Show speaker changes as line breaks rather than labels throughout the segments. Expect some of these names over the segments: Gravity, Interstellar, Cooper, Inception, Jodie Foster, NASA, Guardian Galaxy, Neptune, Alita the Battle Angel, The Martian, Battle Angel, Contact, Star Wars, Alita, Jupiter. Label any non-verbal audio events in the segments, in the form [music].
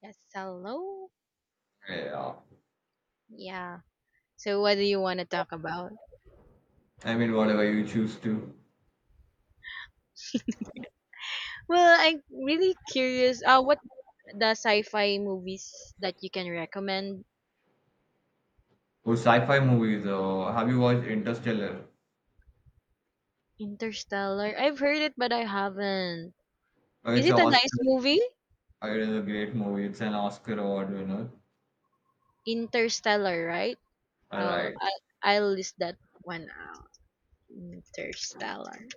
Yes, hello.
Yeah.
Yeah. So what do you want to talk about?
Whatever you choose to.
Well, I'm really curious. What the sci-fi movies that you can recommend?
Or sci-fi movies. Have you watched Interstellar?
Interstellar. I've heard it, but I haven't. Is
It's a
it a nice
Oscar.
movie?
It is a great movie. It's an Oscar award winner.
Interstellar, right?
All
I'll
right.
I, I'll list that one out. Interstellar.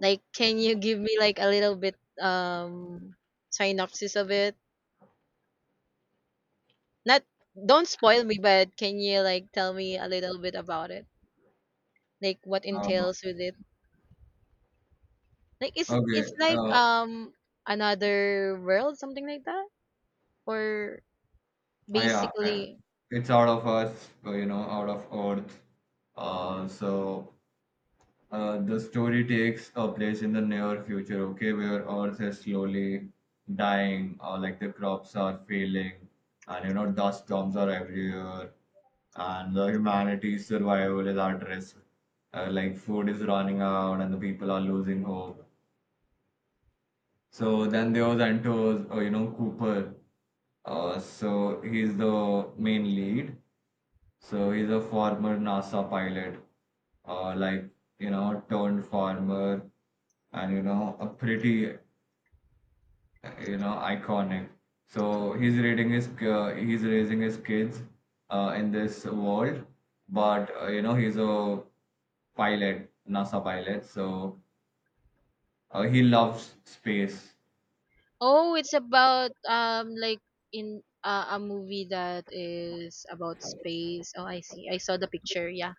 Like, can you give me like a little bit um synopsis of it? Not don't spoil me, but can you like tell me a little bit about it? Like what
Uh,
entails with it, like is it
okay.
it's like another world, something like that, or
Uh, yeah. uh,
basically
It's out of us. You know, out of Earth. Uh, so the story takes a place in the near future. Okay, where Earth is slowly dying, or like the crops are failing, and you know dust storms are everywhere and the humanity's survival is at risk. Like food is running out and the people are losing hope. So then there was enters, you know, Cooper. So he's the main lead. So he's a former NASA pilot, uh, like you know, turned farmer, and you know, a pretty, you know, iconic. So he's raising his kids in this world, but you know, he's a pilot, NASA pilot. So he loves space.
oh it's about like in a movie that is about space. Oh, I see, I saw the picture. Yeah,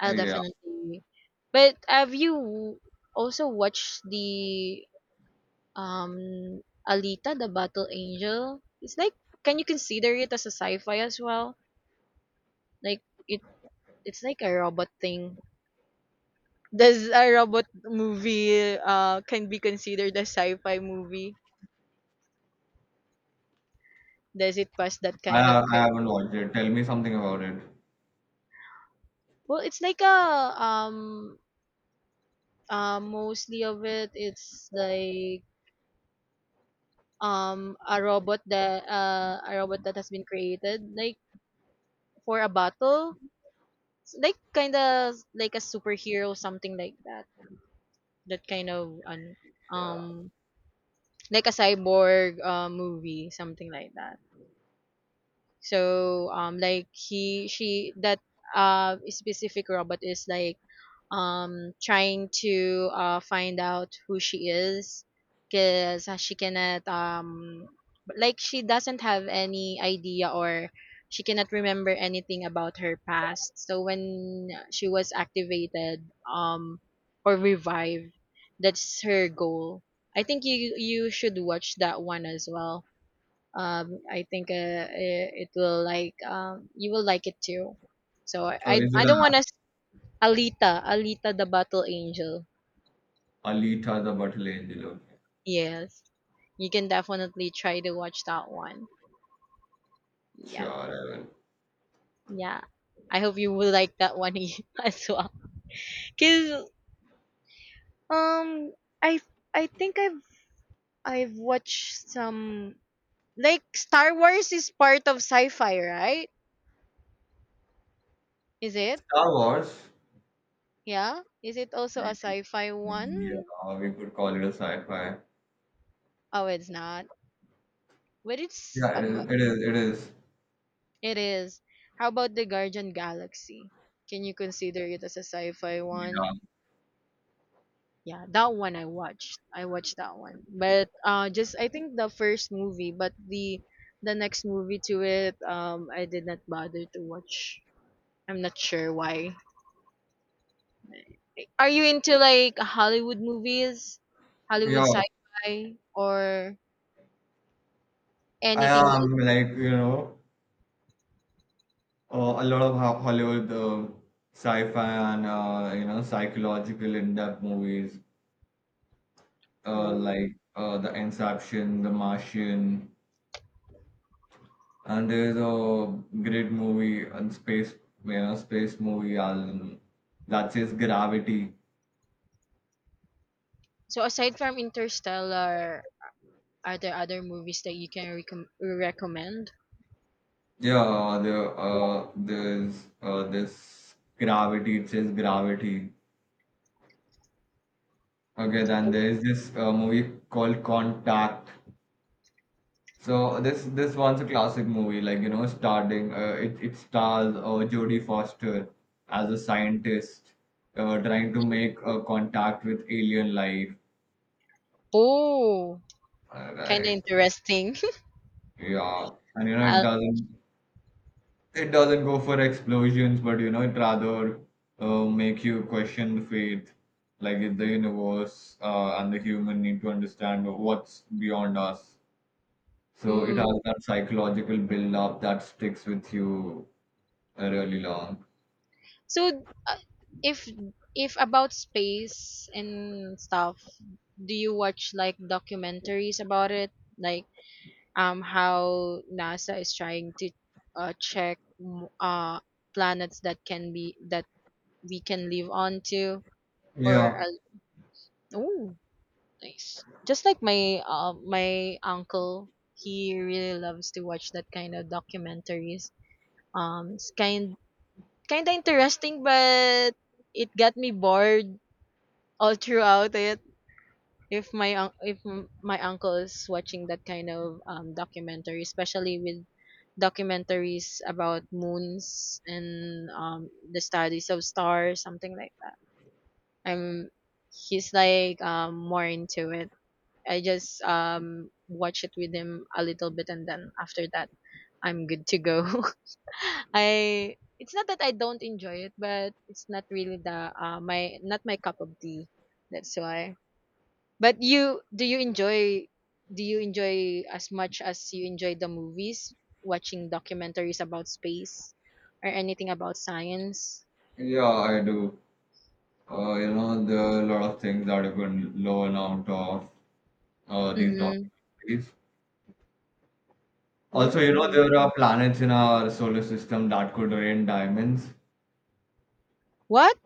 I'll
Yeah,
definitely, but have you also watched the um Alita the Battle Angel? It's like, can you consider it as a sci-fi as well? Like it it's like a robot thing. Does a robot movie can be considered a sci-fi movie? Does it pass that
I,
kind of
I haven't
criteria?
watched it. Tell me something about it.
Well, it's like a um mostly of it it's like a robot that has been created, like, for a battle. It's like kind of like a superhero, something like that. That kind of an um like a cyborg movie, something like that. So like he she that specific robot is like trying to find out who she is, because she cannot like she doesn't have any idea, or she cannot remember anything about her past. So when she was activated, or revived, that's her goal. I think you should watch that one as well. I think it will, like, you will like it too. So
Oh, is it
I don't
a
want to. Alita the Battle Angel.
Alita the Battle Angel? Okay.
Yes, you can definitely try to watch that one.
Sure,
Yep,
I will.
yeah. I hope you will like that one [laughs] as well. Cause um I I've I've watched some, like, Star Wars is part of sci-fi, right? Is it?
Star Wars.
Yeah. Is it also a sci-fi one?
Yeah, we could call it a sci-fi.
Oh, it's not. But
Yeah, it is. It is. It is.
it is. How about the Guardian Galaxy? Can you consider it as a sci-fi one?
Yeah,
Yeah, that one I watched. I watched that one. But just I think the first movie, but the next movie to it, I did not bother to watch. I'm not sure why. Are you into like Hollywood movies? Hollywood
yeah.
sci-fi or
I
anything? With-
am, like, you know, a lot of Hollywood sci-fi and you know psychological in-depth movies.
Oh.
The Inception, The Martian, and there's a great movie and space, you know, space movie that says Gravity.
So aside from Interstellar, are there other movies that you can recommend?
Yeah, the there's this Gravity. It says Gravity. Okay, then there is this movie called Contact. So this one's a classic movie, like you know, starting it stars Jodie Foster as a scientist trying to make contact with alien life.
Oh, kind of
Right?
interesting.
Yeah, and you know it
[laughs] uh,
doesn't it doesn't go for explosions, but you know it rather make you question the faith, like in the universe and the human need to understand what's beyond us. So it
mm.
has that psychological build up that sticks with you really long.
So, if if about space and stuff, do you watch like documentaries about it, like how NASA is trying to check planets that can be, that we can live on to, or
Yeah,
oh, nice. Just like my my uncle, he really loves to watch that kind of documentaries. It's kind of interesting, but it got me bored all throughout it. If my un- if m- my uncle is watching that kind of documentary, especially with documentaries about moons and the studies of stars, something like that. I'm he's like more into it. I just watch it with him a little bit, and then after that I'm good to go. [laughs] I it's not that I don't enjoy it, but it's not really the my not my cup of tea. That's why. But you do you enjoy, as much as you enjoy the movies, watching documentaries about space or anything about science?
yeah, I do. You know, there are a lot of things that you can learn out of these
Mm-hmm.
documentaries. Also, you know,
Ooh.
there are planets in our solar system that could rain diamonds.
What?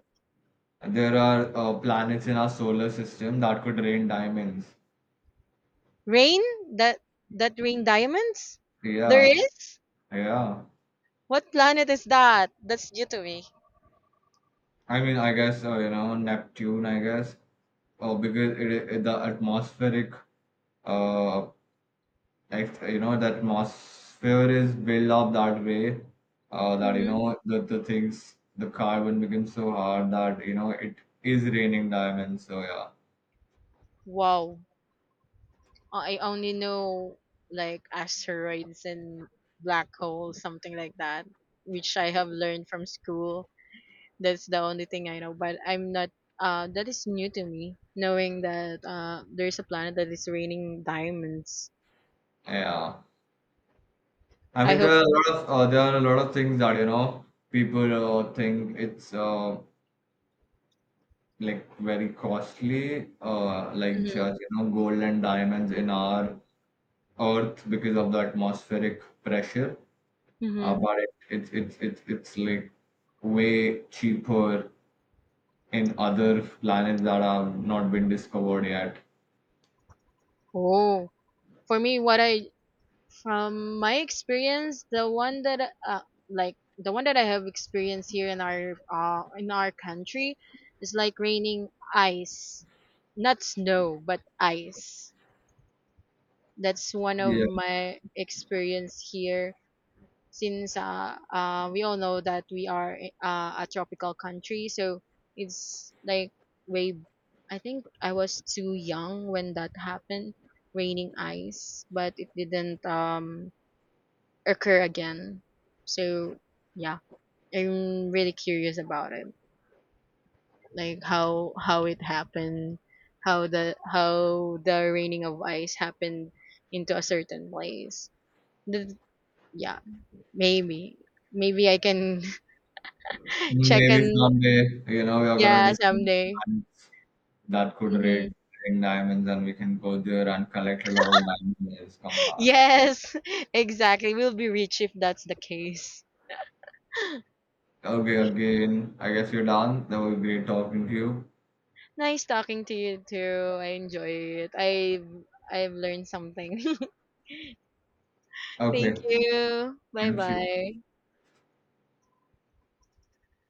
There are planets in our solar system that could rain diamonds.
Rain, that that rain diamonds? There
Yeah,
is?
yeah.
What planet is that? That's Jupiter.
I guess, you know, Neptune, I guess, because the atmospheric uh, you know the atmosphere is built up that way that you
Mm-hmm.
know the things the carbon becomes so hard that you know it is raining diamonds, so yeah,
Wow. I only know like asteroids and black holes, something like that, which I have learned from school. That's the only thing I know, but I'm not that is new to me, knowing that there's a planet that is raining diamonds.
yeah. I
I
mean there
hope.
are a lot of things that you know people think it's like very costly,
Mhm.
just you know gold and diamonds in our earth because of the atmospheric pressure,
Mhm.
but it's like way cheaper in other planets that have not been discovered yet.
Oh, for me what I, from my experience, the one that like the one that I have experienced here in our country is like raining ice, not snow, but ice. That's one of
Yeah,
my experience here, since we all know that we are a tropical country, so it's like way, I think I was too young when that happened, raining ice, but it didn't occur again. So yeah, I'm really curious about it. Like how it happened, how the raining of ice happened into a certain place. The, yeah, maybe I can [laughs] check
maybe
and
someday, you know, we are gonna
yeah
discover
someday.
planets that could raid
Hmm.
rain diamonds, and we can go there and collect a lot of diamonds and come back.
Yes, [laughs] exactly. We'll be rich if that's the case. [laughs]
Okay, again, I guess you're done. That was great talking to you.
Nice talking to you too. I enjoy it. I've learned something. [laughs] Thank
Okay,
you. Bye
thank you.
bye.